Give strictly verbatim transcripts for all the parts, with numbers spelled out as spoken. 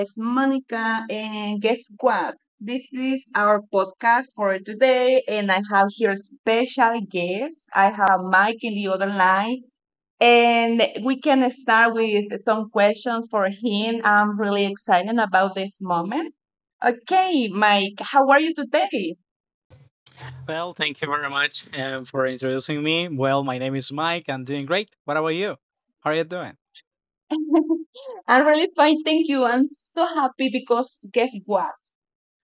is Monica, and guess what? This is our podcast for today, and I have here special guests. I have Mike in the other line, and we can start with some questions for him. I'm really excited about this moment. Okay, Mike, how are you today? Well, thank you very much um, for introducing me. Well, my name is Mike. I'm doing great. What about you? How are you doing? I'm really fine, thank you. I'm so happy because guess what?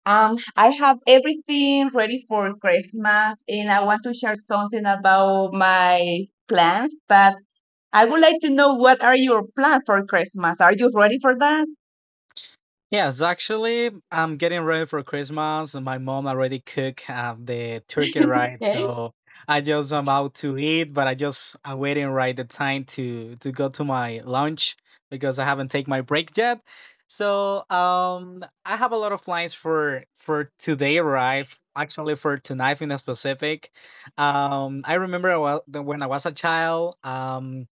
Um, I have everything ready for Christmas, and I want to share something about my plans. But I would like to know what are your plans for Christmas? Are you ready for that? Yes, actually, I'm getting ready for Christmas. And My mom already cooked uh, the turkey, right? Okay. So I just am out to eat, but I just I'm waiting right the time to to go to my lunch because I haven't taken my break yet. So um, I have a lot of plans for for today, right? Actually, for tonight in a specific. Um, I remember I wa- when I was a child. Um,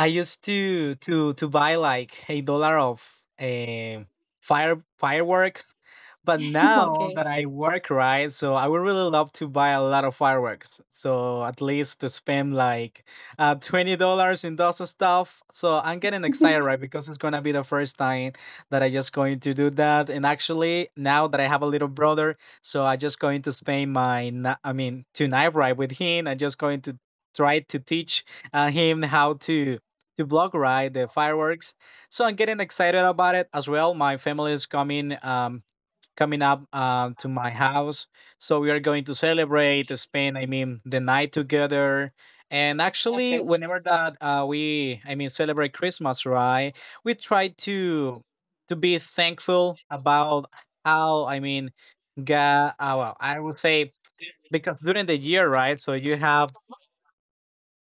I used to to to buy like a dollar of um fire fireworks, but now that I work right, so I would really love to buy a lot of fireworks. So at least to spend like uh, twenty dollars in those stuff. So I'm getting excited right because it's gonna be the first time that I just going to do that. And actually now that I have a little brother, so I just going to spend my ni- I mean tonight right with him. I'm just going to try to teach uh, him how to to block ride, the fireworks. So I'm getting excited about it as well. My family is coming um coming up um to my house. So we are going to celebrate, spend I mean the night together. And actually Okay. whenever that uh we I mean celebrate Christmas, right? We try to to be thankful about how I mean God, uh, well, I would say because during the year, right? So you have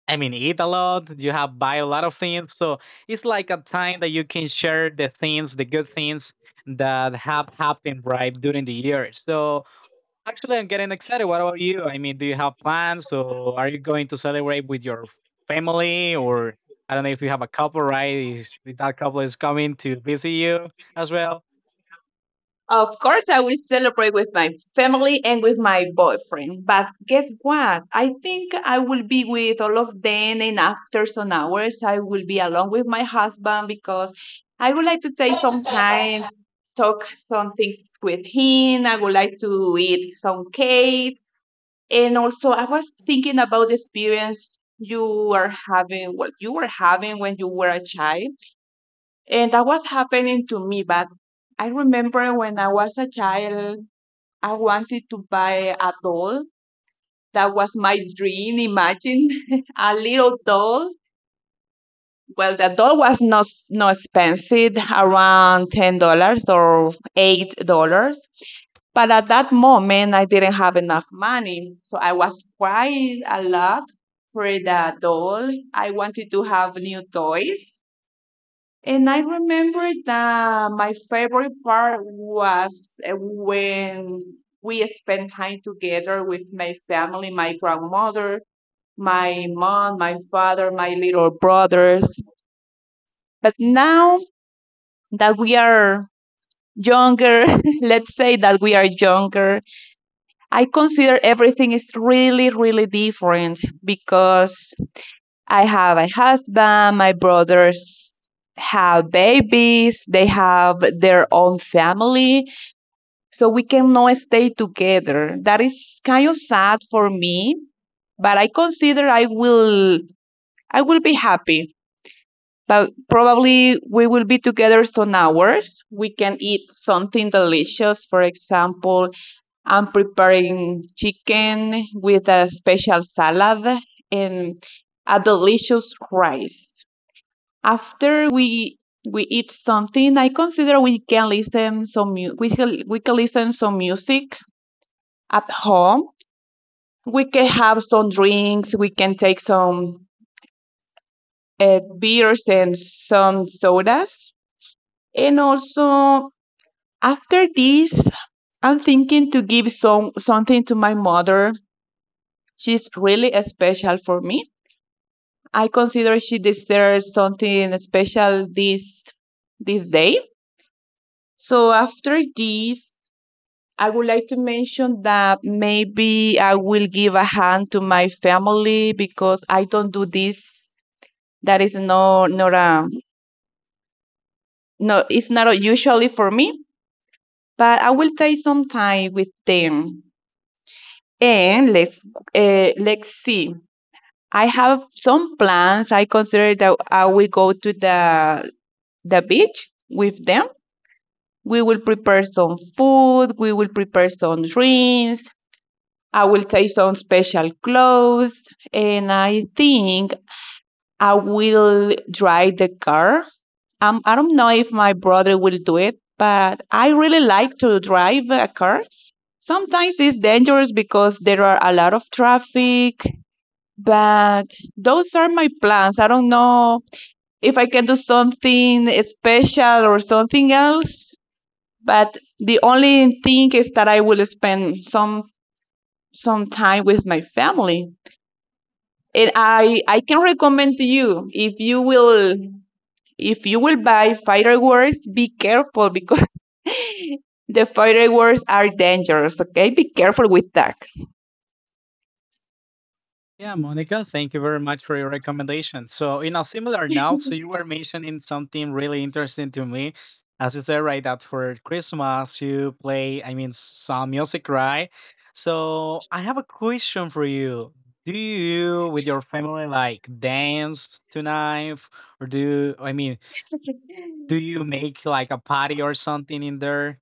I mean, eat a lot. You have buy a lot of things, so it's like a time that you can share the things, the good things that have happened right during the year. So actually, I'm getting excited. What about you? I mean, do you have plans, or are you going to celebrate with your family, or I don't know if you have a couple, right? Is, that couple is coming to visit you as well. Of course, I will celebrate with my family and with my boyfriend. But guess what? I think I will be with all of them, and after some hours, I will be alone with my husband because I would like to take some time, talk some things with him. I would like to eat some cake. And also, I was thinking about the experience you were having, what you were having when you were a child. And that was happening to me, but I remember when I was a child, I wanted to buy a doll. That was my dream. Imagine a little doll. Well, the doll was not not expensive, around ten dollars or eight dollars. But at that moment, I didn't have enough money, so I was crying a lot for the doll. I wanted to have new toys, and I remember that my favorite part was uh, when we spent time together with my family, my grandmother, my mom, my father, my little brothers. But now that we are younger, let's say that we are younger, I consider everything is really, really different because I have a husband, my brothers have babies, they have their own family, so we cannot stay together. That is kind of sad for me, but I consider I will I will be happy. But probably we will be together some hours. We can eat something delicious. For example, I'm preparing chicken with a special salad and a delicious rice. After we we eat something, I consider we can listen some mu- we can, we can listen some music at home. We can have some drinks. We can take some uh, beers and some sodas. And also after this, I'm thinking to give some something to my mother. She's really special for me. I consider she deserves something special this this day. So after this, I would like to mention that maybe I will give a hand to my family because I don't do this. That is no, not a no. It's not usually for me, but I will take some time with them. And let's uh, let's see. I have some plans. I consider that I will go to the the beach with them. We will prepare some food. We will prepare some drinks. I will take some special clothes and I think I will drive the car. Um, I don't know if my brother will do it, but I really like to drive a car. Sometimes it's dangerous because there are a lot of traffic, but those are my plans. I don't know if I can do something special or something else, but the only thing is that I will spend some some time with my family. And I I can recommend to you, if you will if you will buy fireworks, be careful because the fireworks are dangerous. Okay, be careful with that. Yeah, Monica, thank you very much for your recommendation. So, in a similar note, so you were mentioning something really interesting to me. As you said, right, that for Christmas you play, I mean, some music, right? So, I have a question for you. Do you, with your family, like dance tonight? Or do you, I mean, do you make like a party or something in there?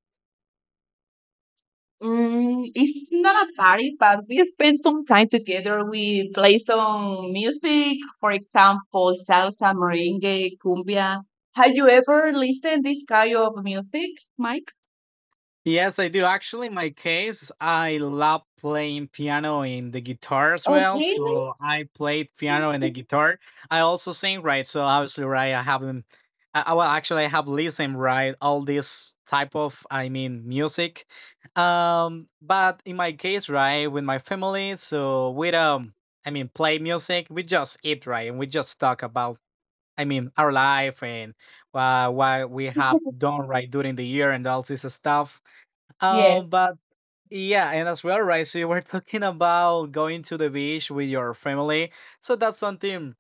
Mm, it's not a party, but we spend some time together. We play some music, for example, salsa, merengue, cumbia. Have you ever listened this kind of music, Mike? Yes, I do. Actually, in my case, I love playing piano and the guitar as Oh, well. really? So I play piano and the guitar. I also sing, right? So obviously, right, I haven't. I, I- well, actually, I have listened, right, all this type of, I mean, music. Um, but in my case, right, with my family, so we um, I mean, play music. We just eat, right, and we just talk about, I mean, our life and uh, what we have done, right, during the year and all this stuff Yes. um, but yeah, and as well, right? So you were talking about going to the beach with your family. So that's something,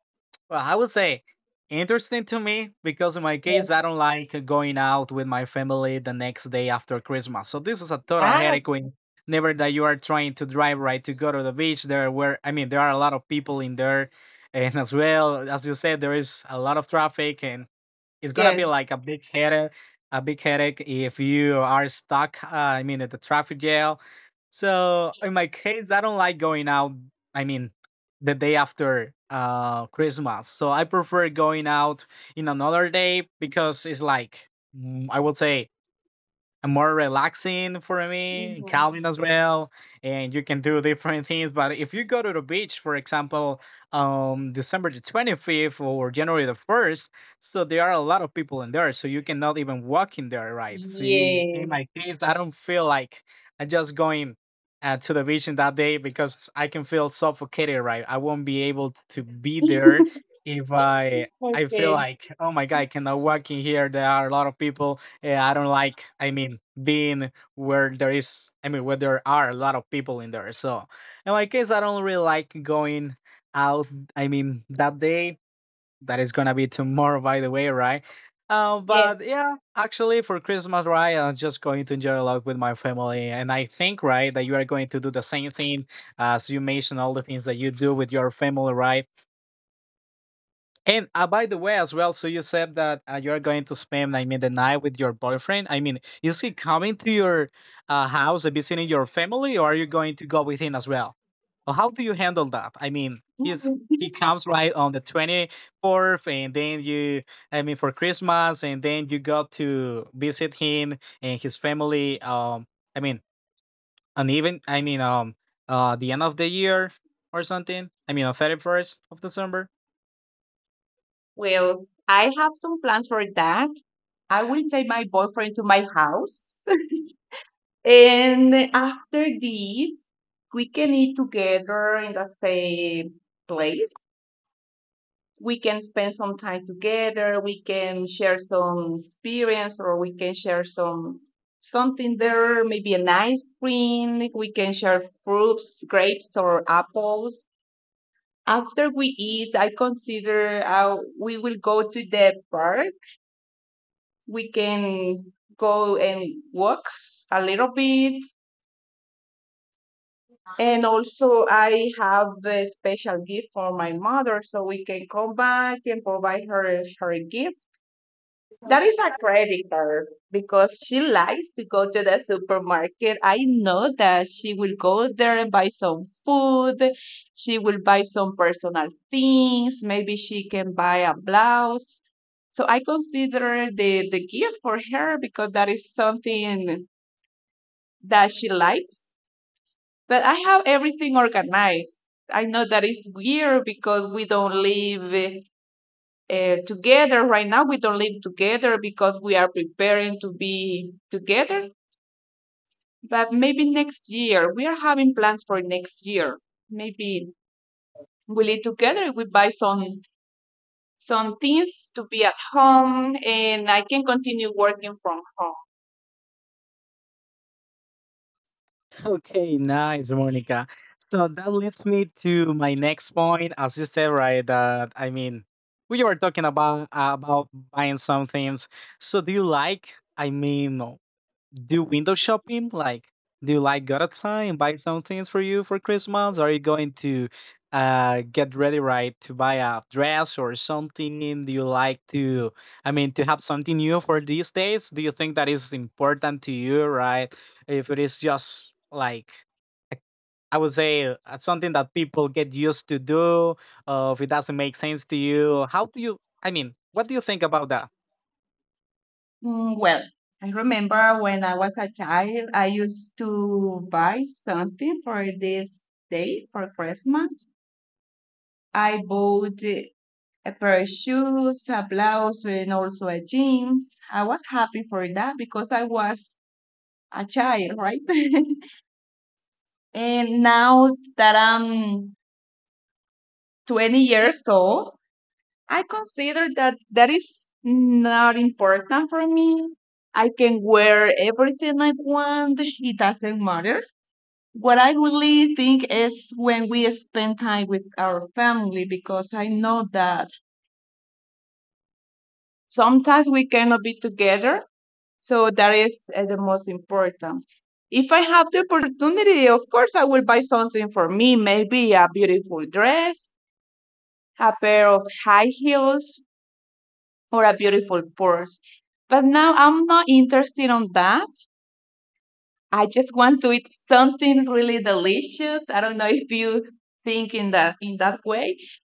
well, I would say interesting to me because in my case, I don't like going out with my family the next day after Christmas. So this is a total Wow. headache when never that you are trying to drive right to go to the beach. There were I mean, there are a lot of people in there. And as well, as you said, there is a lot of traffic and it's gonna be Yes. like a big headache, a big headache if you are stuck. Uh, I mean, at the traffic jail. So in my case, I don't like going out. I mean, the day after uh Christmas. So I prefer going out in another day because it's like mm, I would say more relaxing for me, Mhm. calming as well, and you can do different things. But if you go to the beach, for example, um, December the twenty-fifth or January the first, so there are a lot of people in there, so you cannot even walk in there, right? So you, in Yeah. my case, I don't feel like I'm just going uh, to the beach in that day because I can feel suffocated, right? I won't be able t- to be there if I. I feel Okay. like, oh my God, I cannot walk in here. There are a lot of people yeah, I don't like. I mean, being where there is. I mean, where there are a lot of people in there. So, in my case, I don't really like going out. I mean, that day that is gonna be tomorrow, by the way, right? Uh, Yeah. but yeah, actually, for Christmas, right, I'm just going to enjoy a lot with my family, and I think, right, that you are going to do the same thing as you mentioned all the things that you do with your family, right? And uh, by the way, as well, so you said that uh, you're going to spend, I mean, the night with your boyfriend. I mean, is he coming to your uh, house and visiting your family, or are you going to go with him as well? Or how do you handle that? I mean, he's he comes right on the twenty fourth, and then you, I mean, for Christmas, and then you go to visit him and his family. Um, I mean, on even, I mean, um, uh, the end of the year or something. I mean, on thirty first of December. Well, I have some plans for that. I will take my boyfriend to my house. And after this, we can eat together in the same place. We can spend some time together. We can share some experience or we can share some something there, maybe an ice cream. We can share fruits, grapes or apples. After we eat, I consider uh, we will go to the park. We can go and walk a little bit. And also, I have a special gift for my mother, so we can come back and provide her her gift. That is a creditor because she likes to go to the supermarket. I know that she will go there and buy some food. She will buy some personal things. Maybe she can buy a blouse. So I consider the, the gift for her because that is something that she likes. But I have everything organized. I know that is weird because we don't live uh, together right now. We don't live together because we are preparing to be together, but maybe next year. We are having plans for next year. Maybe we live together, we buy some some things to be at home, and I can continue working from home. Okay, nice, Monica. So that leads me to my next point, as you said, right? That I mean, we were talking about uh, about buying some things. So do you like? I mean, do window shopping? Like, do you like go outside and buy some things for you for Christmas? Are you going to uh, get ready right to buy a dress or something? Do you like to, I mean, to have something new for these days? Do you think that is important to you, right? If it is just like a I would say uh, something that people get used to do, uh, if it doesn't make sense to you. How do you, I mean, what do you think about that? Mm, well, I remember when I was a child, I used to buy something for this day for Christmas. I bought eh, a pair of shoes, a blouse, and also a jeans. I was happy for that because I was a child, right? And now that I'm twenty years old, I consider that that is not important for me. I can wear everything I want, it doesn't matter. What I really think is when we spend time with our family because I know that sometimes we cannot be together. So that is uh, the most important. If I have the opportunity, of course, I will buy something for me, maybe a beautiful dress, a pair of high heels, or a beautiful purse. But now I'm not interested on that. I just want to eat something really delicious. I don't know if you think in that in that way,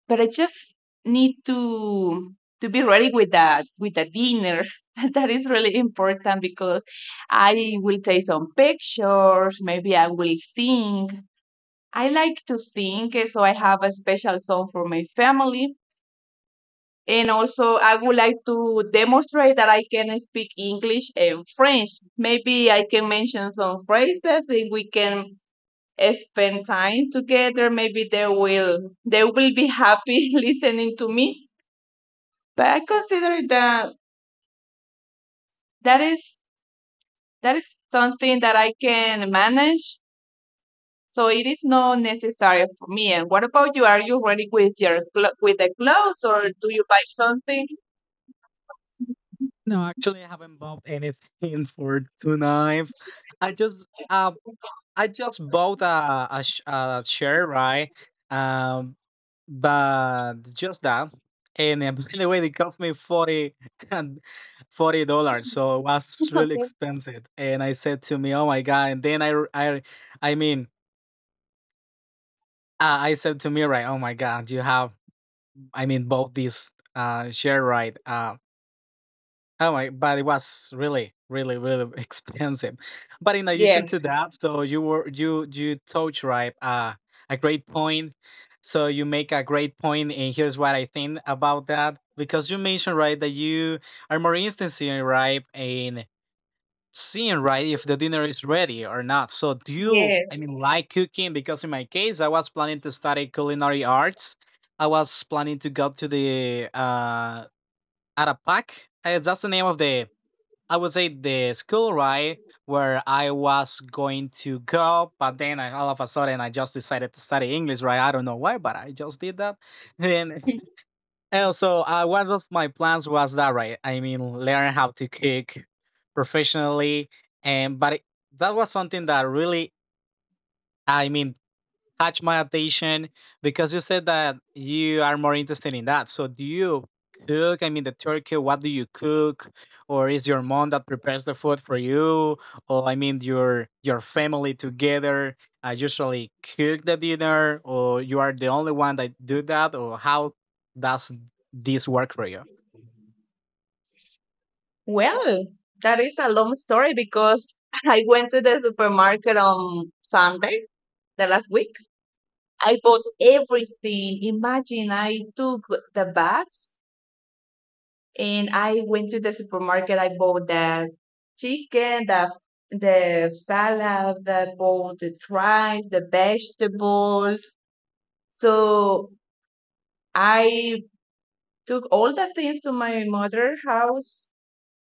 but I just need to to be ready with that, with the dinner. That is really important because I will take some pictures, maybe I will sing. I like to sing, eh, so I have a special song for my family. And also, I would like to demonstrate that I can speak English and French. Maybe I can mention some phrases and we can eh, spend time together. Maybe they will they will be happy listening to me. But I consider that that is that is something that I can manage. So it is not necessary for me. And what about you? Are you ready with your clo- with the clothes or do you buy something? No, actually, I haven't bought anything for tonight. I just uh, I just bought a, a, sh- a share, right? Um, but just that. And uh, by the way, they cost me forty and forty dollars, so it was really Okay. expensive. And I said to me, "Oh my god!" And then I, r- I, I mean, uh, I said to me, right? Oh my god, you have, I mean, bought this uh, share, right? Uh, Oh my, but it was really, really, really expensive. But in Yeah. addition to that, so you were you you touch right uh, a great point. So you make a great point, and here's what I think about that because you mentioned right that you are more interested right in seeing right if the dinner is ready or not. So do you, I Yeah. mean, like cooking? Because in my case, I was planning to study culinary arts. I was planning to go to the uh, Arapac. Uh, That's the name of the I would say the school right, where I was going to go, but then I, all of a sudden I just decided to study English, right? I don't know why, but I just did that. And, and so uh, one of my plans was that, right? I mean, learn how to cook professionally. And, but it, that was something that really, I mean, catch my attention because you said that you are more interested in that. So do you cook? I mean, the turkey, what do you cook? Or is your mom that prepares the food for you? Or I mean, your your family together uh, usually cook the dinner or you are the only one that do that or how does this work for you? Well, that is a long story because I went to the supermarket on Sunday, the last week. I bought everything. Imagine I took the bags and I went to the supermarket. I bought the chicken, the the salad, I bought the rice, the vegetables. So I took all the things to my mother's house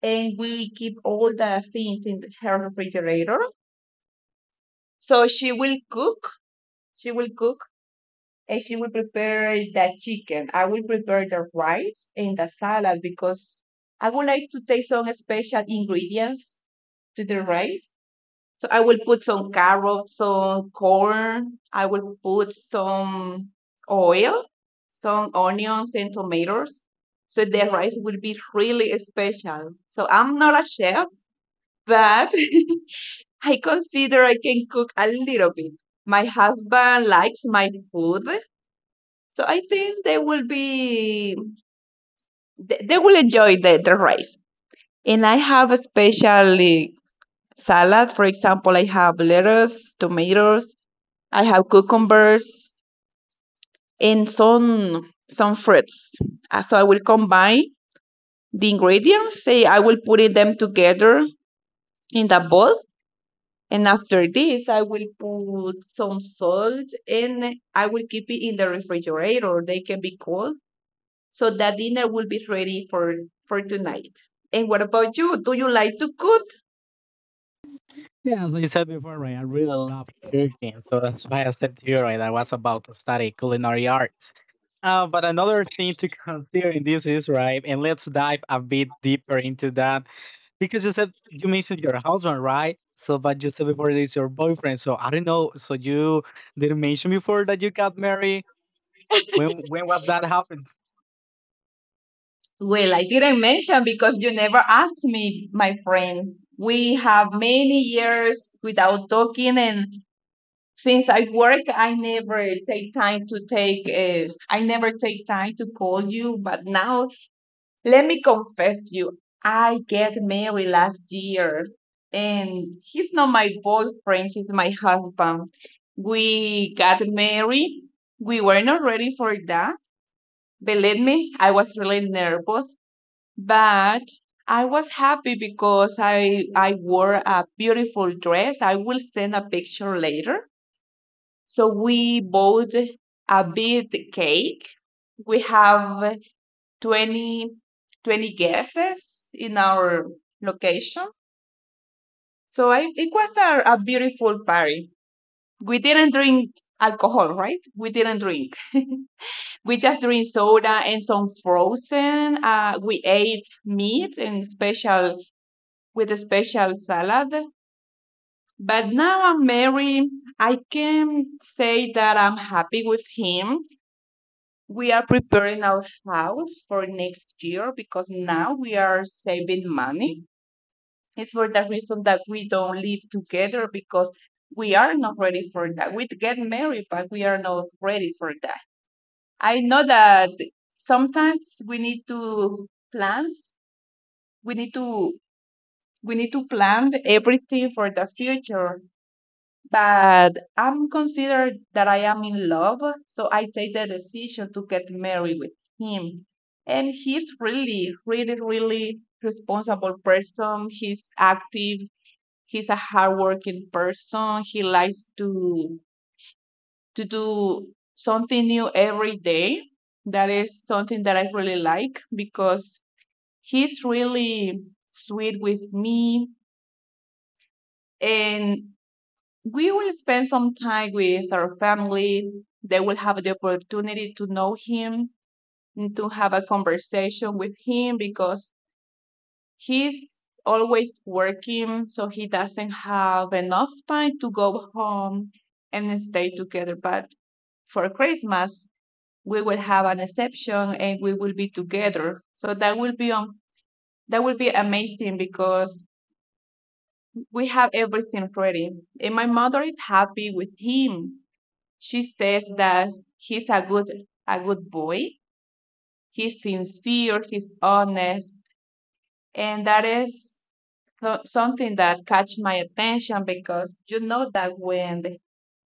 and we keep all the things in her refrigerator. So she will cook. She will cook and she will prepare the chicken. I will prepare the rice and the salad because I would like to take some special ingredients to the rice. So I will put some carrots, some corn. I will put some oil, some onions and tomatoes. So the rice will be really special. So I'm not a chef, but I consider I can cook a little bit. My husband likes my food, so I think they will be they, they will enjoy the, the rice. And I have a special eh, salad. For example, I have lettuce, tomatoes, I have cucumbers, and some some fruits. Uh, So I will combine the ingredients. Say I will put it them together in the bowl. And after this, I will put some salt and I will keep it in the refrigerator. They can be cold. So that dinner will be ready for, for tonight. And what about you? Do you like to cook? Yeah, as I said before, right, I really love cooking, so that's why I said to you, right, I was about to study culinary arts. Uh, but another thing to consider in this is, right, and let's dive a bit deeper into that, because you said you mentioned your husband, right? So, but you said before it is your boyfriend. So I don't know. So you didn't mention before that you got married. When when was that happened? Well, I didn't mention because you never asked me, my friend. We have many years without talking and since I work, I never take time to take, uh, I never take time to call you, but now, let me confess you, I get married last year, and he's not my boyfriend, he's my husband. We got married. We were not ready for that. Believe me, I was really nervous, but I was happy because I I wore a beautiful dress. I will send a picture later. So we bought a big cake. We have Twenty, twenty 20 guests in our location. So I, it was a, a beautiful party. We didn't drink alcohol, right? We didn't drink. We just drink soda and some frozen. Uh, we ate meat and special with a special salad. But now I'm married. I can say that I'm happy with him. We are preparing our house for next year because now we are saving money. It's for the reason that we don't live together because we are not ready for that. We get married, but we are not ready for that. I know that sometimes we need to plan. We need to we need to plan everything for the future. But I'm considered that I am in love, so I take the decision to get married with him. And he's really, really, really responsible person. He's active, he's a hardworking person. He likes to to do something new every day. That is something that I really like because he's really sweet with me, and we will spend some time with our family. They will have the opportunity to know him and to have a conversation with him because he's always working, so he doesn't have enough time to go home and stay together. But for Christmas, we will have an exception, and we will be together. So that will be on that will be amazing because we have everything ready. And my mother is happy with him. She says that he's a good a good boy. He's sincere, he's honest, and that is so, something that catch my attention because you know that when the-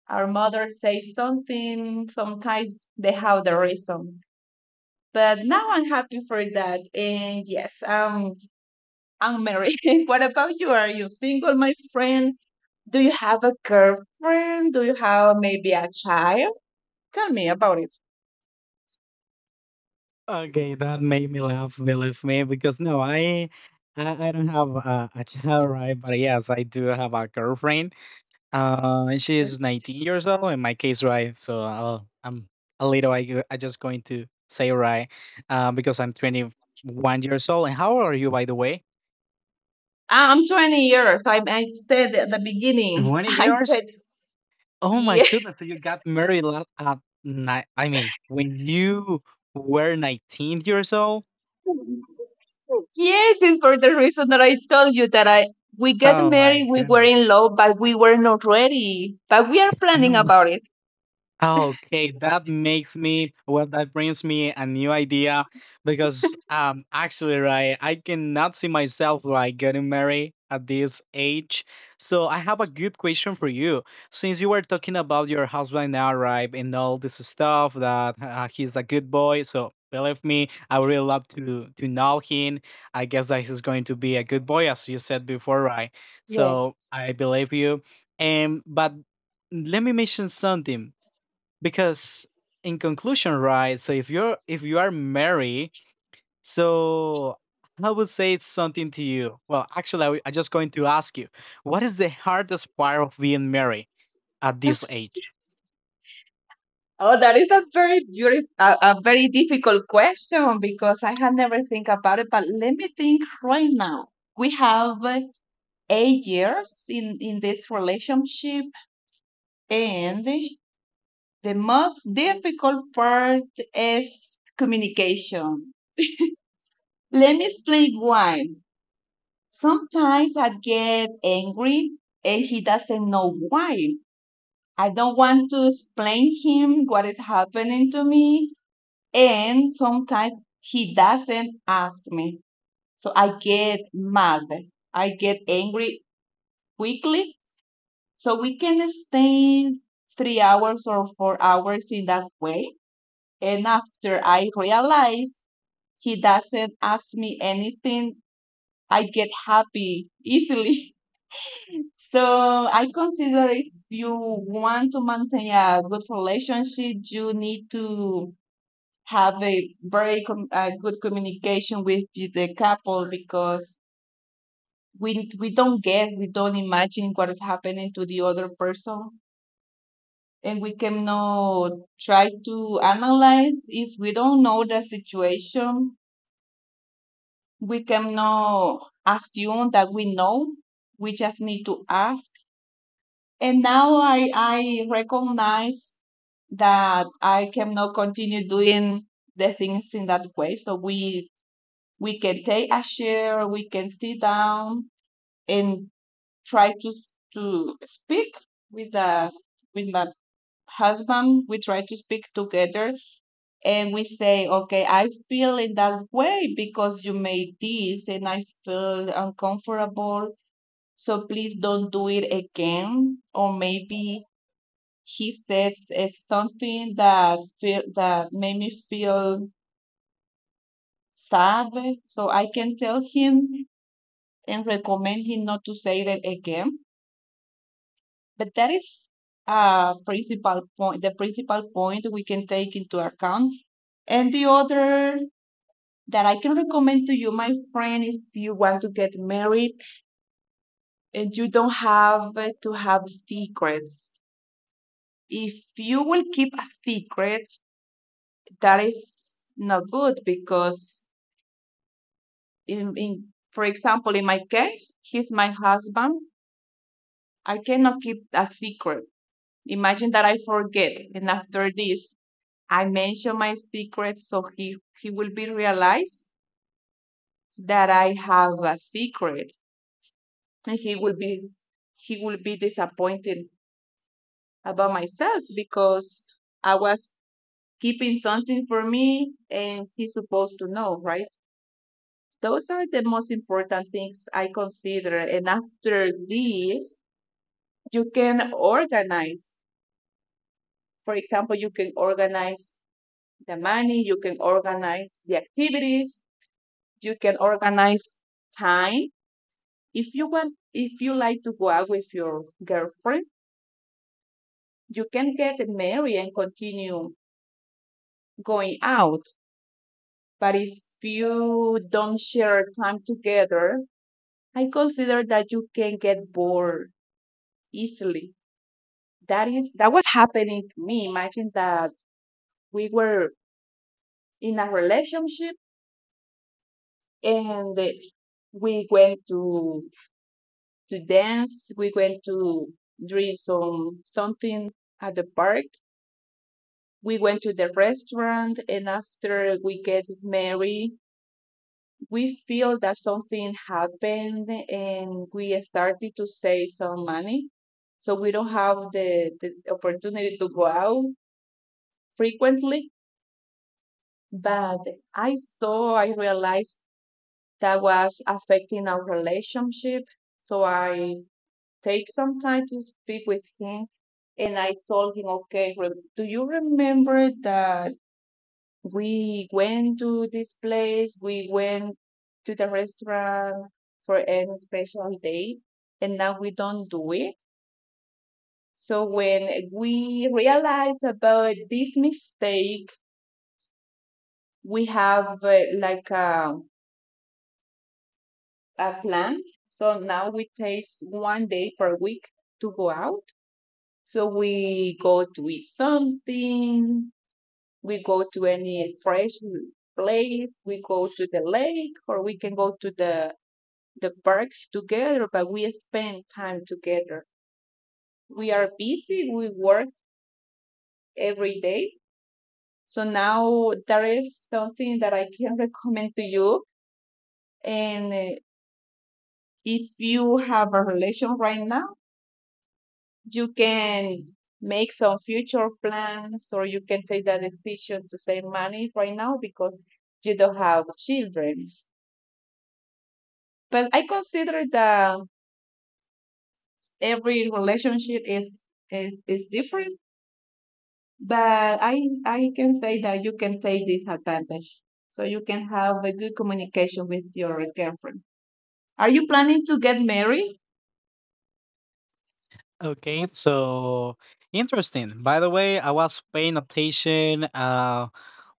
our mother says something, sometimes they have the reason. But now I'm happy for that, and yes, um, I'm married. What about you? Are you single, my friend? Do you have a girlfriend? Do you have maybe a child? Tell me about it. Okay, that made me laugh, believe me, because no, I I, I don't have a, a child, right? But yes, I do have a girlfriend Uh, she Yeah. is nineteen years old in my case, right? So I'll, I'm a little. I g- I just going to say right, uh, because I'm twenty-one years old. And how old are you, by the way? I'm twenty years. I, I said at the beginning, twenty I'm years? twenty. Oh my Yeah. goodness! So you got married la- at night. I mean, when you were nineteen years old. Yes, it's for the reason that I told you that I we get Oh married, my we were goodness. in love, but we were not ready. But we are planning about it. Okay, that makes me, well, that brings me a new idea because um actually, right, I cannot see myself like getting married at this age. So I have a good question for you. Since you were talking about your husband now, right, and all this stuff that uh, he's a good boy, so believe me, I would really love to to know him. I guess that he's going to be a good boy, as you said before, right? Yeah. So I believe you. And but let me mention something because in conclusion, right, so if you're if you are married, so I would say it's something to you. Well, actually, I w- I'm just going to ask you, what is the hardest part of being married at this age? Oh, that is a very beautiful, a, a very difficult question because I had never think about it. But let me think right now. We have uh, eight years in in this relationship, and the most difficult part is communication. Let me explain why. Sometimes I get angry and he doesn't know why. I don't want to explain him what is happening to me. And sometimes he doesn't ask me. So I get mad. I get angry quickly. So we can stay three hours or four hours in that way. And after I realize he doesn't ask me anything, I get happy easily. So I consider if you want to maintain a good relationship, you need to have a very com- a good communication with the the couple because we we don't guess, we don't imagine what is happening to the other person, and we cannot try to analyze if we don't know the situation. We cannot assume that we know. We just need to ask, and now I I recognize that I cannot continue doing the things in that way. So we we can take a chair, we can sit down and try to to speak with the with my husband. We try to speak together and we say, okay, I feel in that way because you made this and I feel uncomfortable. So please don't do it again. Or maybe he says is something that feel, that made me feel sad. So I can tell him and recommend him not to say that again. But that is a principal point, the principal point we can take into account. And the other that I can recommend to you, my friend, if you want to get married and you don't have uh, to have secrets. If you will keep a secret, that is not good because in, in for example, in my case, he's my husband. I cannot keep a secret. Imagine that I forget, and after this, I mention my secret, so he he will be realized that I have a secret, and he will be he will be disappointed about myself because I was keeping something for me, and he's supposed to know, right? Those are the most important things I consider. And after this, you can organize. For example, you can organize the money, you can organize the activities, you can organize time. If you want, if you like to go out with your girlfriend, you can get married and continue going out. But if you don't share time together, I consider that you can get bored easily. That is that was happening to me. Imagine that we were in a relationship and uh, we went to to dance. We went to drink some something at the park. We went to the restaurant, and after we get married, we feel that something happened, and we started to save some money. So we don't have the, the opportunity to go out frequently. But I saw, I realized that was affecting our relationship. So I take some time to speak with him. And I told him, okay, do you remember that we went to this place? We went to the restaurant for a special day, and now we don't do it. So when we realize about this mistake, we have uh, like a, a plan. So now we take one day per week to go out. So we go to eat something, we go to any fresh place, we go to the lake, or we can go to the the park together, but we spend time together. We are busy, we work every day. So now that is something that I can recommend to you. And uh, if you have a relation right now, you can make some future plans, or you can take that decision to save money right now because you don't have children. But I consider that every relationship is is, is different. But I I can say that you can take this advantage, so you can have a good communication with your girlfriend. Are you planning to get married? Okay, so interesting. By the way, I was paying attention, uh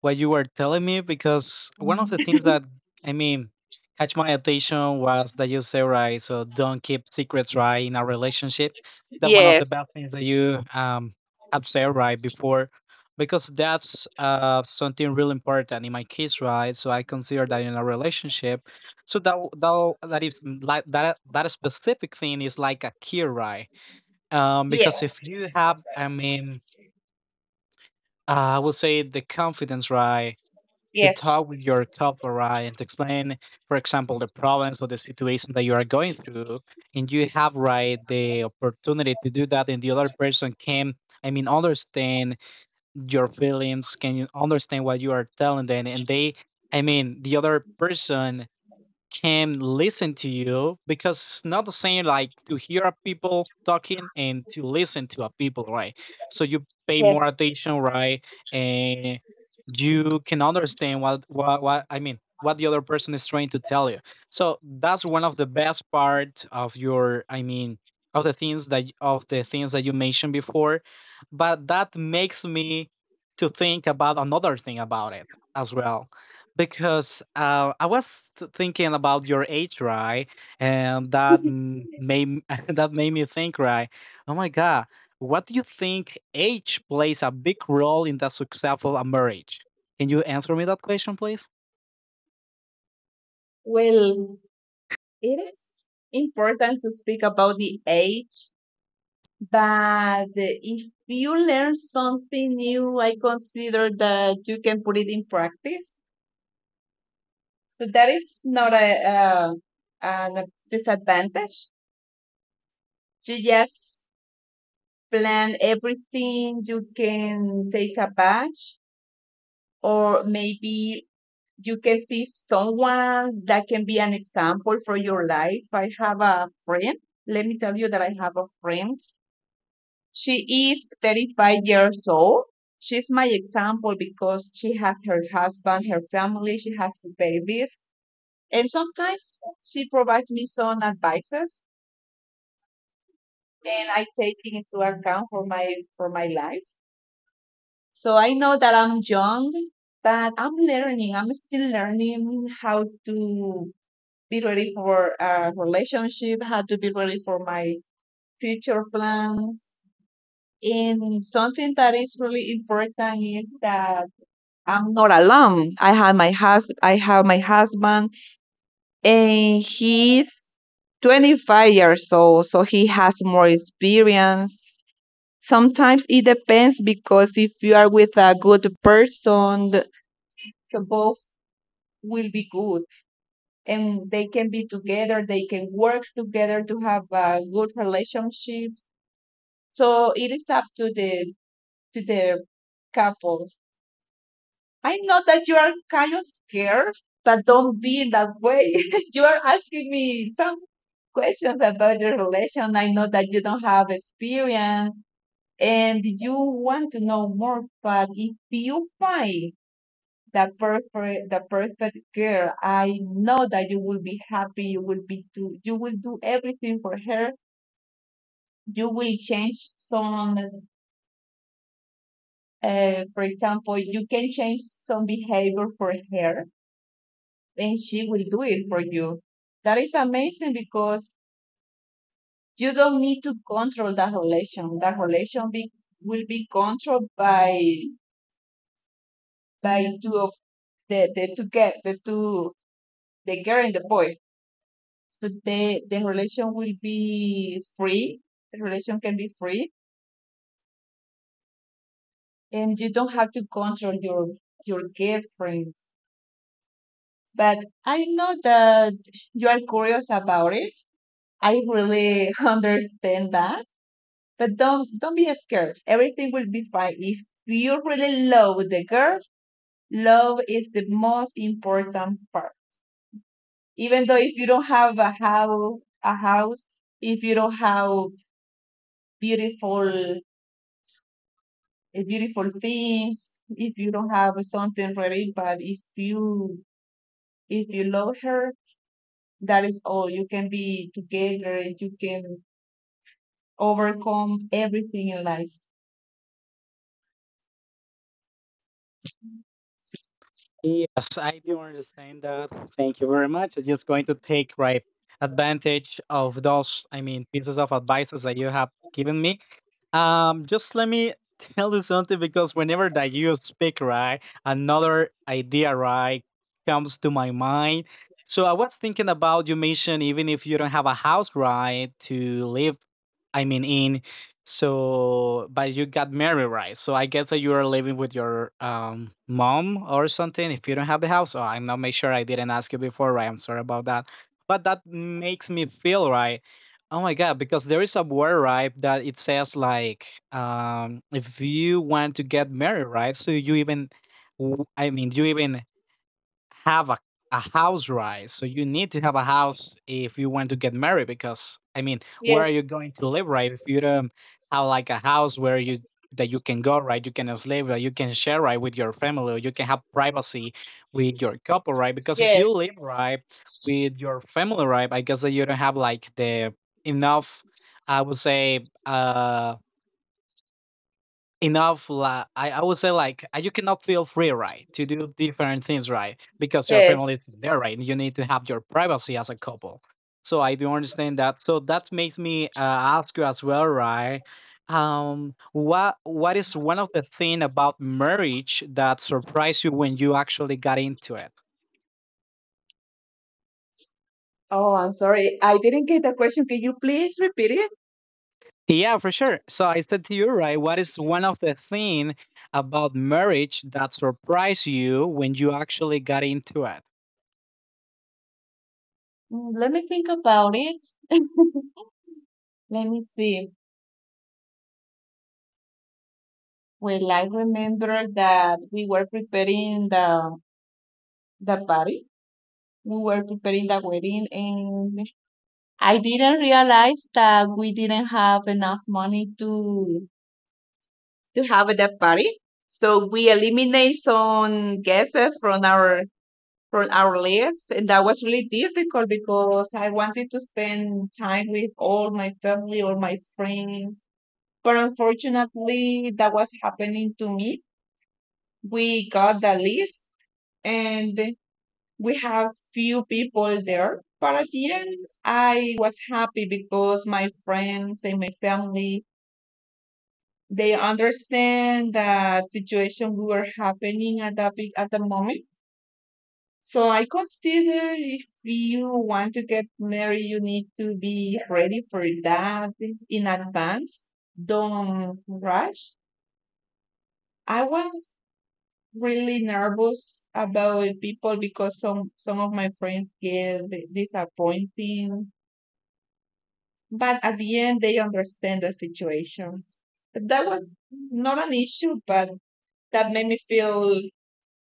what you were telling me, because one of the things that, I mean, catch my attention was that you say, right, so don't keep secrets, right, in a relationship. That one of the Yes. bad things that you um have said right before, because that's uh something really important in my case, right? So I consider that in a relationship. So that w- that w- that is mm, like that that specific thing is like a key, right? Um, Yes. Because if you have, I mean, uh, I would say the confidence, right, to Yes. talk with your counselor and explain, for example, the problems or the situation that you are going through. And you have, right, the opportunity to do that. And the other person can, I mean, understand your feelings, can you understand what you are telling them. And they, I mean, the other person can listen to you, because it's not the same like to hear a people talking and to listen to a people, right? So you pay more Yes. attention, right, and you can understand what what, what I mean what the other person is trying to tell you. So that's one of the best part of your, I mean, of the things that of the things that you mentioned before. But that makes me to think about another thing about it as well, because uh, I was th- thinking about your age, right? And that m- made that made me think, right? Oh my God, what do you think, age plays a big role in the successful a marriage? Can you answer me that question, please? Well, it is important to speak about the age, but if you learn something new, I consider that you can put it in practice. So that is not a uh, an disadvantage. You just plan everything. You can take a batch, or maybe you can see someone that can be an example for your life. I have a friend. Let me tell you that I have a friend. She is thirty-five years old. She's my example because she has her husband, her family, she has the babies. And sometimes she provides me some advices, and I take it into account for my for my life. So I know that I'm young, but I'm learning. I'm still learning how to be ready for a relationship, how to be ready for my future plans. And something that is really important is that I'm not alone. I have my hus- I have my husband, and he's twenty-five years old, so he has more experience. Sometimes it depends because if you are with a good person, th- so both will be good, and they can be together, they can work together to have a good relationship. So it is up to the to the couple. I know that you are kind of scared, but don't be in that way. You are asking me some questions about the relation. I know that you don't have experience and you want to know more, but if you find the perfect the perfect girl, I know that you will be happy, you will be do you will do everything for her. You will change some uh, for example, you can change some behavior for her, and she will do it for you. That is amazing because you don't need to control that relation. That relation be, will be controlled by by two of the, the two get the two, the girl and the boy. So the, the relation will be free. The relation can be free, and you don't have to control your your girlfriend. But I know that you are curious about it. I really understand that. But don't don't be scared. Everything will be fine. If you really love the girl, love is the most important part. Even though if you don't have a house a house, if you don't have beautiful A beautiful things, if you don't have something ready, but if you if you love her, that is all. You can be together, and you can overcome everything in life. Yes, I do understand that. Thank you very much. I'm just going to take right advantage of those, I mean, pieces of advices that you have given me. Um, just let me tell you something, because whenever that you speak, right, another idea, right, comes to my mind. So I was thinking about, you mentioned, even if you don't have a house, right, to live, I mean, in. So, but you got married, right? So I guess that you are living with your um mom or something. If you don't have the house, oh, I'm not make sure I didn't ask you before, right? I'm sorry about that. But that makes me feel, right, oh my god, because there is a word, right, that it says like, um if you want to get married, right? So you even w- I mean, you even have a, a house, right? So you need to have a house if you want to get married, because I mean, where Yes, are you going to live, right, if you don't have like a house where you that you can go, right, you can sleep, right, you can share, right, with your family, or you can have privacy with your couple, right? Because if yes, you live, right, with your family, right, I guess that you don't have like the enough, I would say, uh enough la- I, I would say like, uh, you cannot feel free right to do different things, right, because your family yes. is there, right, you need to have your privacy as a couple. So I do understand that. So that makes me uh, ask you as well, right, um what what is one of the thing about marriage that surprised you when you actually got into it? Oh, I'm sorry, I didn't get the question. Can you please repeat it? Yeah, for sure. So I said to you, right, what is one of the thing about marriage that surprised you when you actually got into it? Mm, let me think about it, let me see. Well, I remember that we were preparing the the party, we were preparing the wedding, and I didn't realize that we didn't have enough money to to have a deaf party. So we eliminate some guesses from our from our list, and that was really difficult because I wanted to spend time with all my family or my friends. But unfortunately, that was happening to me. We got the list, and we have few people there. But at the end, I was happy because my friends and my family they understand that situation we were happening at that big, at the moment. So I consider if you want to get married, you need to be ready for that in advance. Don't rush. I was really nervous about people because some some of my friends get disappointed, but at the end they understand the situation. That was not an issue, but that made me feel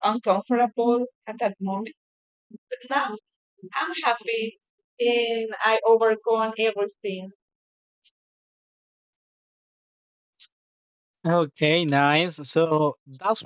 uncomfortable at that moment. But now I'm happy and I overcome everything. Okay, nice. So that's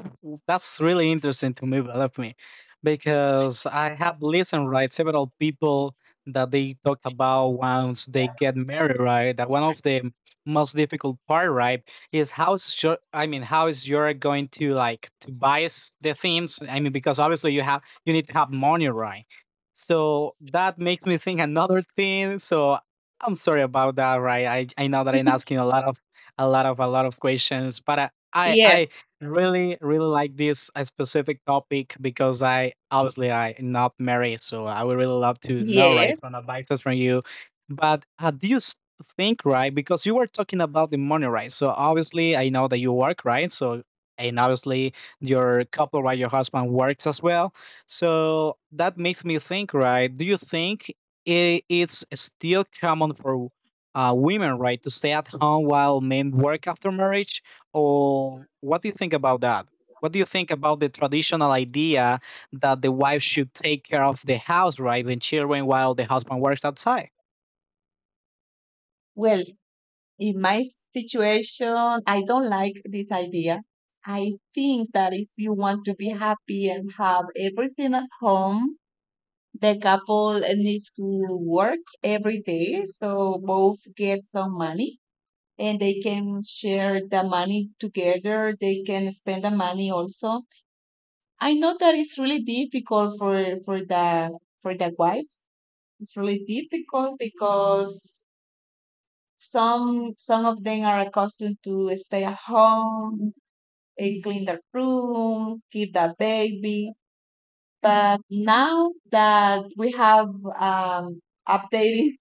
that's really interesting to me, believe me, because I have listened right several people that they talk about once they get married, right? That one of the most difficult part, right, is how is your, I mean, how is you're going to like to buy s- the things? I mean, because obviously you have, you need to have money, right? So that makes me think another thing. So I'm sorry about that, right? I I know that I'm asking a lot of a lot of a lot of questions. But I I, Yeah, I really really like this uh, specific topic because I obviously I am not married, so I would really love to know yeah. right some advices from you. But uh, do you s- think, right, because you were talking about the money, right? So obviously I know that you work, right, so, and obviously your couple, right, your husband, works as well. So that makes me think, right. Do you think it it's still common for uh, women right to stay at home while men work after marriage? Or what do you think about that? What do you think about the traditional idea that the wife should take care of the house, right, and children while the husband works outside? Well, in my situation, I don't like this idea. I think that if you want to be happy and have everything at home, the couple needs to work every day so both get some money and they can share the money together, they can spend the money also. I know that it's really difficult for for the for the wife. It's really difficult because some some of them are accustomed to stay at home and clean the room, keep the baby. But now that we have um updated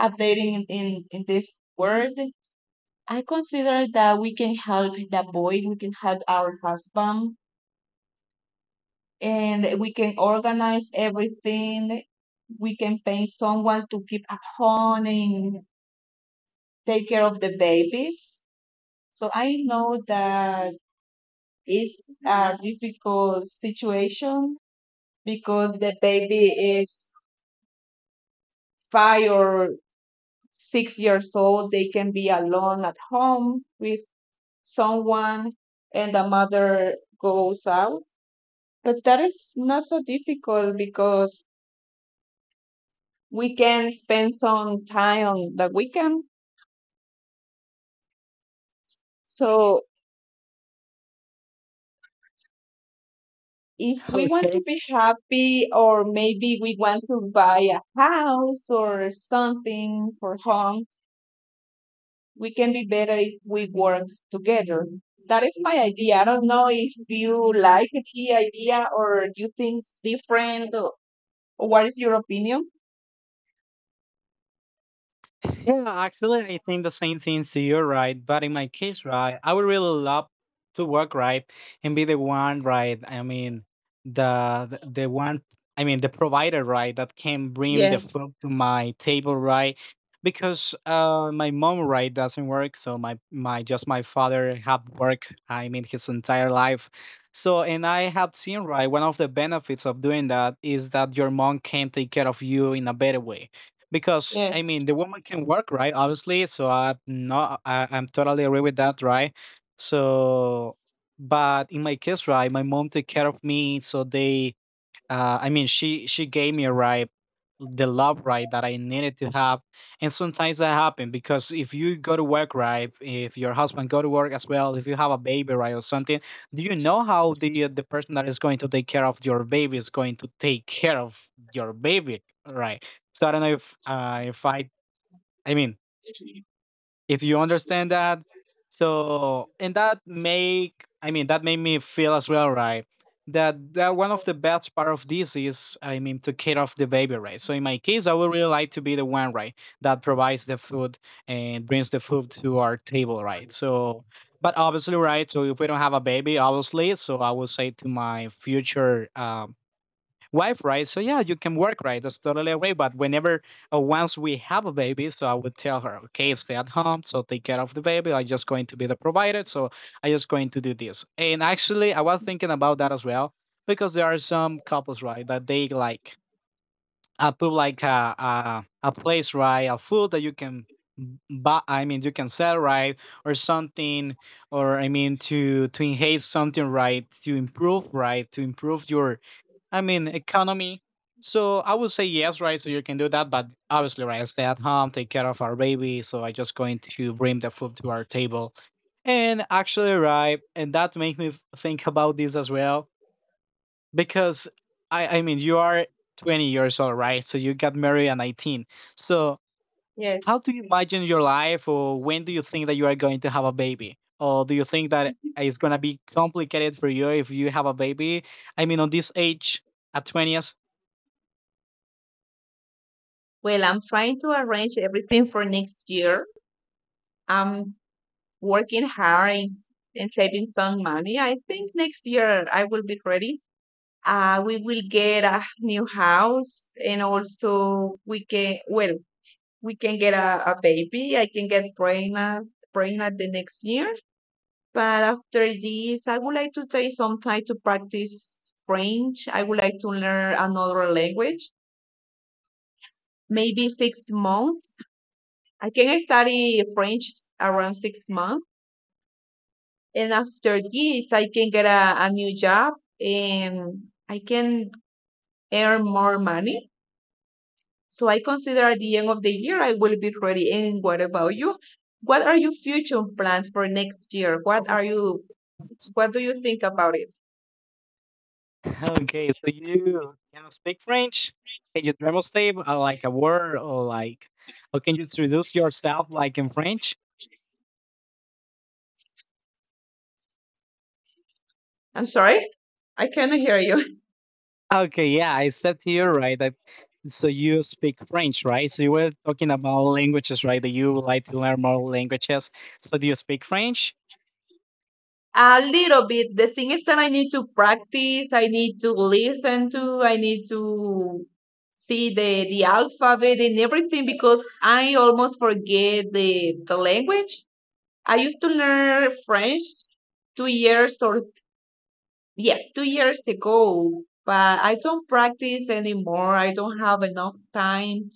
updating in, in, this world, I consider that we can help the boy, we can help our husband, and we can organize everything. We can pay someone to keep at home and take care of the babies. So I know that it's a difficult situation because the baby is five or six years old. They can be alone at home with someone and the mother goes out. But that is not so difficult because we can spend some time on the weekend. So if we want to Okay, be happy, or maybe we want to buy a house or something for home, we can be better if we work together. That is my idea. I don't know if you like the idea or you think different. Or what is your opinion? yeah, actually, I think the same thing. So you're right, but in my case, right, I would really love to work, right, and be the one, right. I mean, the the the one. I mean, the provider, right, that can bring the Yeah, food to my table, right? Because uh, my mom, right, doesn't work, so my my just my father had work. I mean, his entire life. So, and I have seen, right, one of the benefits of doing that is that your mom can take care of you in a better way, because yeah, I mean the woman can work, right? Obviously, so I no, I, I'm totally agree with that, right? So, but in my case, right, my mom take care of me, so they uh, I mean, she she gave me a ride, the love ride that I needed to have, and sometimes that happened because if you go to work, right, if your husband go to work as well, if you have a baby, right, or something, do you know how the the person that is going to take care of your baby is going to take care of your baby, right? So I don't know if uh, if I I mean if you understand that. So and that make, I mean, that made me feel as well, right, that that one of the best part of this is, I mean, to care of the baby, right? So in my case, I would really like to be the one, right, that provides the food and brings the food to our table, right? So but obviously, right, so if we don't have a baby, obviously, so I will say to my future um, wife, right? So yeah, you can work, right? That's totally agree. But whenever uh, once we have a baby, so I would tell her, okay, stay at home, so take care of the baby. I'm just going to be the provider, so I'm just going to do this. And actually, I was thinking about that as well, because there are some couples, right, that they like uh, put like a a, a place, right, a food that you can. But I mean, you can sell, right, or something, or I mean, to to enhance something, right, to improve, right, to improve your, I mean, economy. So I would say yes, right? So you can do that, but obviously, right? I stay at home, take care of our baby. So I just going to bring the food to our table. And actually, right? And that makes me f- think about this as well, because I, I mean, you are twenty years old, right? So you got married at nineteen. So yeah. how do you imagine your life, or when do you think that you are going to have a baby? Or do you think that it's gonna be complicated for you if you have a baby? I mean, on this age, at twenties. Well, I'm trying to arrange everything for next year. I'm working hard and, and saving some money. I think next year I will be ready. Uh, we will get a new house and also we can, well, we can get a, a baby. I can get pregnant, pregnant the next year. But after this, I would like to take some time to practice French. I would like to learn another language, maybe six months I can study French, around six months, and after this, I can get a, a new job and I can earn more money. So I consider at the end of the year, I will be ready. And what about you? What are your future plans for next year? What are you, what do you think about it? Okay, so you cannot speak French? Can you demonstrate uh, like a word or like, or can you introduce yourself like in French? I'm sorry, I cannot hear you. Okay, yeah, I said to you, right, that so you speak French, right? So you were talking about languages, right? That you would like to learn more languages. So do you speak French? A little bit. The thing is that I need to practice, I need to listen to, I need to see the, the alphabet and everything because I almost forget the, the language. I used to learn French two years or, yes, two years ago, but I don't practice anymore. I don't have enough time.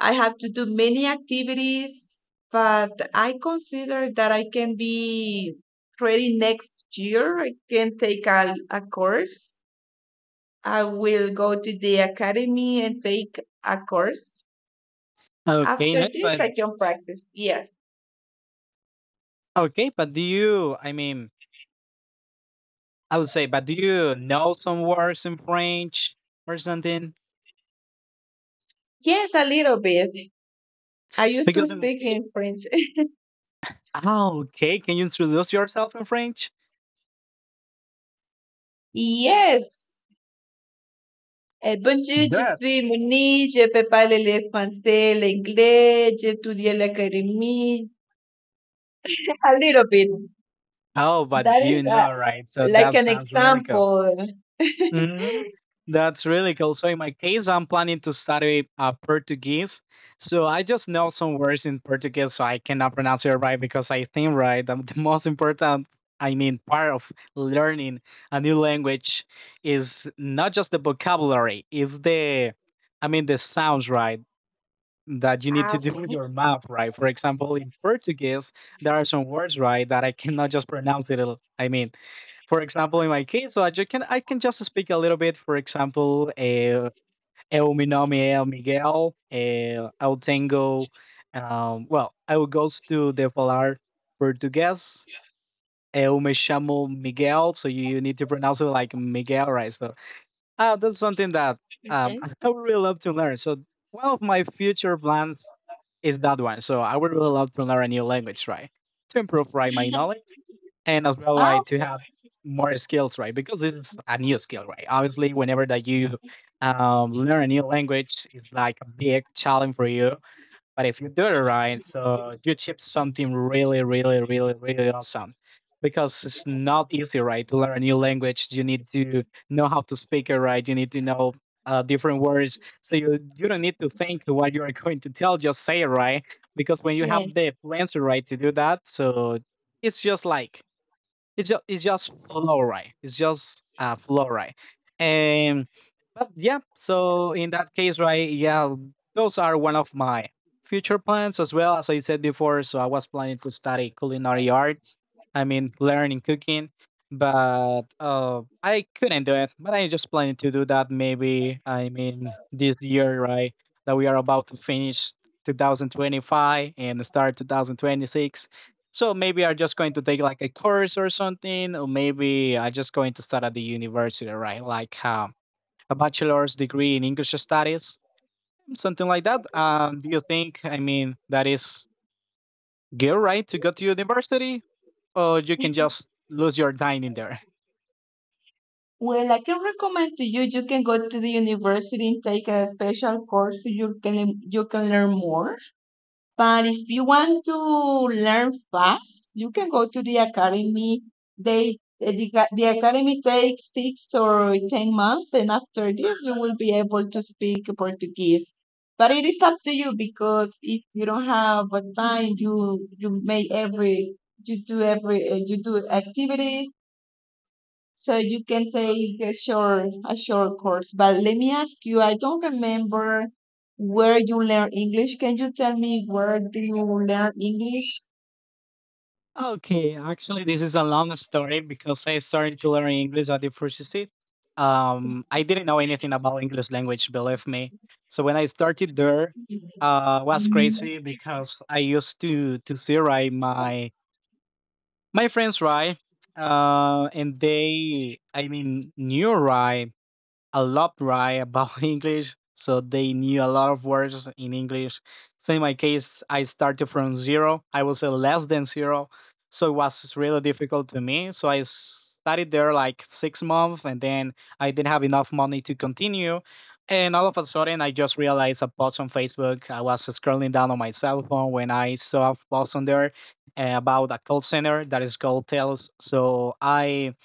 I have to do many activities, but I consider that I can be ready next year. I can take a, a course. I will go to the academy and take a course. Okay, After no, this, but I can practice. Yes. okay, but do you, I mean, I would say, but do you know some words in French or something? Yes, a little bit. I used to Because, in, speak in French. oh, okay, can you introduce yourself in French? Yes. Eh, bonjour, je Yeah. suis Monique, je peux parler le français, l'anglais, j'ai étudié à l'académie. A little bit. Oh, but That is you know, right? So like that an sounds really cool. example. Hmm, that's really cool. So in my case, I'm planning to study uh, Portuguese. So I just know some words in Portuguese, so I cannot pronounce it right because I think right. um, The most important, I mean, part of learning a new language is not just the vocabulary; is the, I mean, the sounds right, that you need Ah, to do with okay. your mouth, right? For example, in Portuguese, there are some words, right, that I cannot just pronounce it. al- I mean, for example, in my case, so I ju- can I can just speak a little bit. For example, uh, eu me Nome é Miguel, uh, Eu tenho, Um, well, I will go to the falar Portuguese. Eu me chamo Miguel, so you need to pronounce it like Miguel, right? So uh, that's something that um, Okay, I would really love to learn. So one of my future plans is that one. So I would really love to learn a new language, right? To improve right my knowledge and as well right to have more skills, right? Because this is a new skill, right? Obviously, whenever that you um, learn a new language, it's like a big challenge for you, but if you do it right, so you achieve something really, really, really, really awesome. Because it's not easy, right? To learn a new language, you need to know how to speak it right. You need to know uh, different words. So you you don't need to think what you are going to tell. Just say it right. Because when you yeah. have the plans right to do that, so it's just like it's just it's just fluoride. It's just uh, fluoride. And but yeah, so in that case, right? Yeah, those are one of my future plans as well. As I said before, so I was planning to study culinary art. I mean, learning cooking, but uh, I couldn't do it. But I just planning to do that. Maybe I mean this year, right? That we are about to finish two thousand twenty-five and start twenty twenty-six, so maybe I'm just going to take like a course or something, or maybe I'm just going to start at the university, right? Like um, a bachelor's degree in English studies, something like that. Um, do you think, I mean, that is good, right, to go to university, or you can just lose your time in there? Well, I can recommend to you. You can go to the university and take a special course so you can you can learn more. But if you want to learn fast, you can go to the academy. They the, the academy takes six or ten months, and after this, you will be able to speak Portuguese. But it is up to you because if you don't have a time, you you make every you do every uh, you do activities, so you can take a short a short course. But let me ask you, I don't remember where you learn English. Can you tell me where do you learn English? Okay, actually, this is a long story because I started to learn English at the university. Um, I didn't know anything about English language, believe me. So when I started there, uh, was crazy because I used to to see right my my friends right, uh, and they, I mean, knew right a lot right about English, so they knew a lot of words in English. So in my case, I started from zero. I was a less than zero, so it was really difficult to me. So I studied there like six months, and then I didn't have enough money to continue. And all of a sudden, I just realized a post on Facebook. I was scrolling down on my cell phone when I saw a post on there uh, about a call center that is called Tails. So I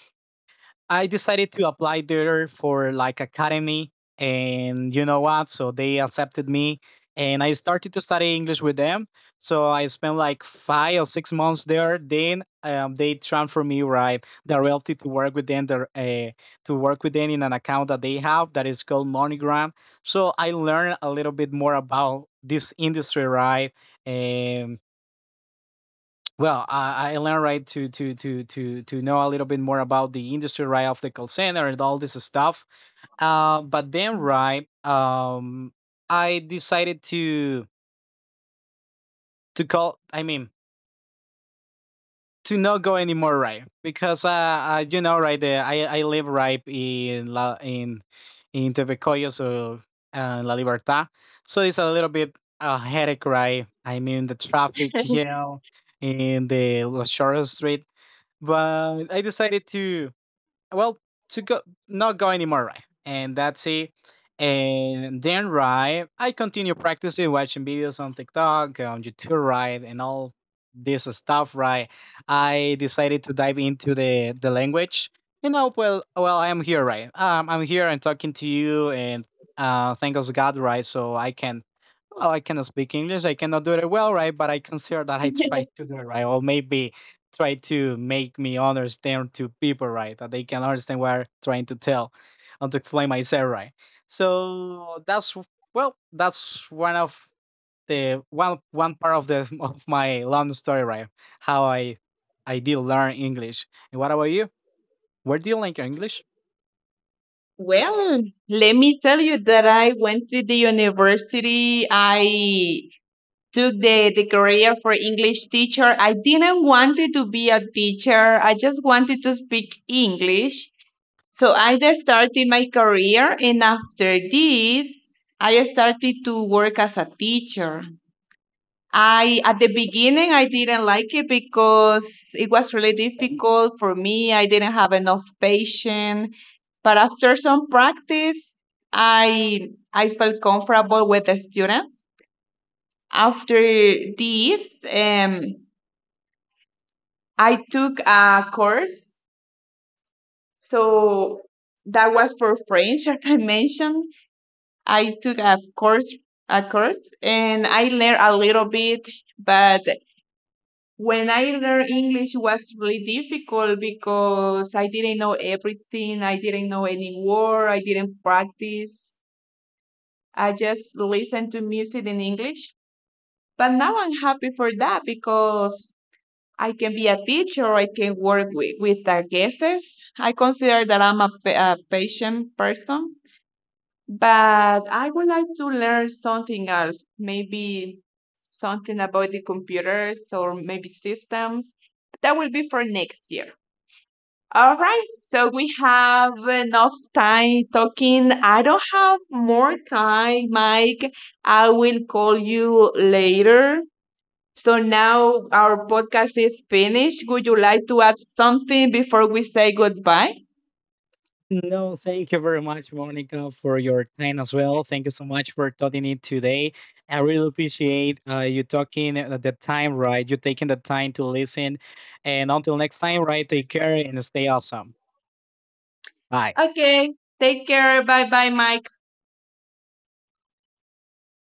I decided to apply there for like academy, and you know what? So they accepted me, and I started to study English with them. So I spent like five or six months there. Then um, they transferred me right directly to work with them, their, uh, to work with them in an account that they have that is called MoneyGram. So I learned a little bit more about this industry, right? Um, well, I, I learned right to to to to to know a little bit more about the industry right of the call center and all this stuff. Uh, but then right, um, I decided to to call. I mean, to not go anymore right because uh, uh you know right there I I live right in La in in Tepecoyo so uh, La Libertad, so it's a little bit a headache right. I mean the traffic you know in the short street, but I decided to well to go not go anymore right and that's it. And then right I continue practicing watching videos on TikTok, on YouTube right and all this stuff right. I decided to dive into the the language you know. Well, well I am here right. um I'm here and talking to you and uh thank us god right so I can well I cannot speak English, I cannot do it well right, but I consider that I tried to do it right or maybe try to make me understand to people, right? That they can understand what I'm trying to tell and to explain myself, right? So that's well, that's one of the one one part of the of my long story, right? How I I did learn English. And what about you? Where do you learn your English? Well, let me tell you that I went to the university. I took the, the career for English teacher. I didn't want to be a teacher. I just wanted to speak English. So I just started my career, and after this, I started to work as a teacher. I at the beginning I didn't like it because it was really difficult for me. I didn't have enough patience, but after some practice, I I felt comfortable with the students. After this, um, I took a course, so that was for French. As I mentioned, I took a course a course and I learned a little bit, but when I learned English it was really difficult because I didn't know everything. I didn't know any word. I didn't practice. I just listened to music in English. But now I'm happy for that because I can be a teacher. I can work with, with the guests. I consider that I'm a, pa- a patient person. But I would like to learn something else, maybe something about the computers or maybe systems. That will be for next year. All right, so we have enough time talking. I don't have more time, Mike. I will call you later. So now our podcast is finished. Would you like to add something before we say goodbye? No, thank you very much, Monica, for your time as well. Thank you so much for talking it today. I really appreciate uh, you talking at the time, right? You taking the time to listen. And until next time, right? Take care and stay awesome. Bye. Okay, take care. Bye bye, Mike.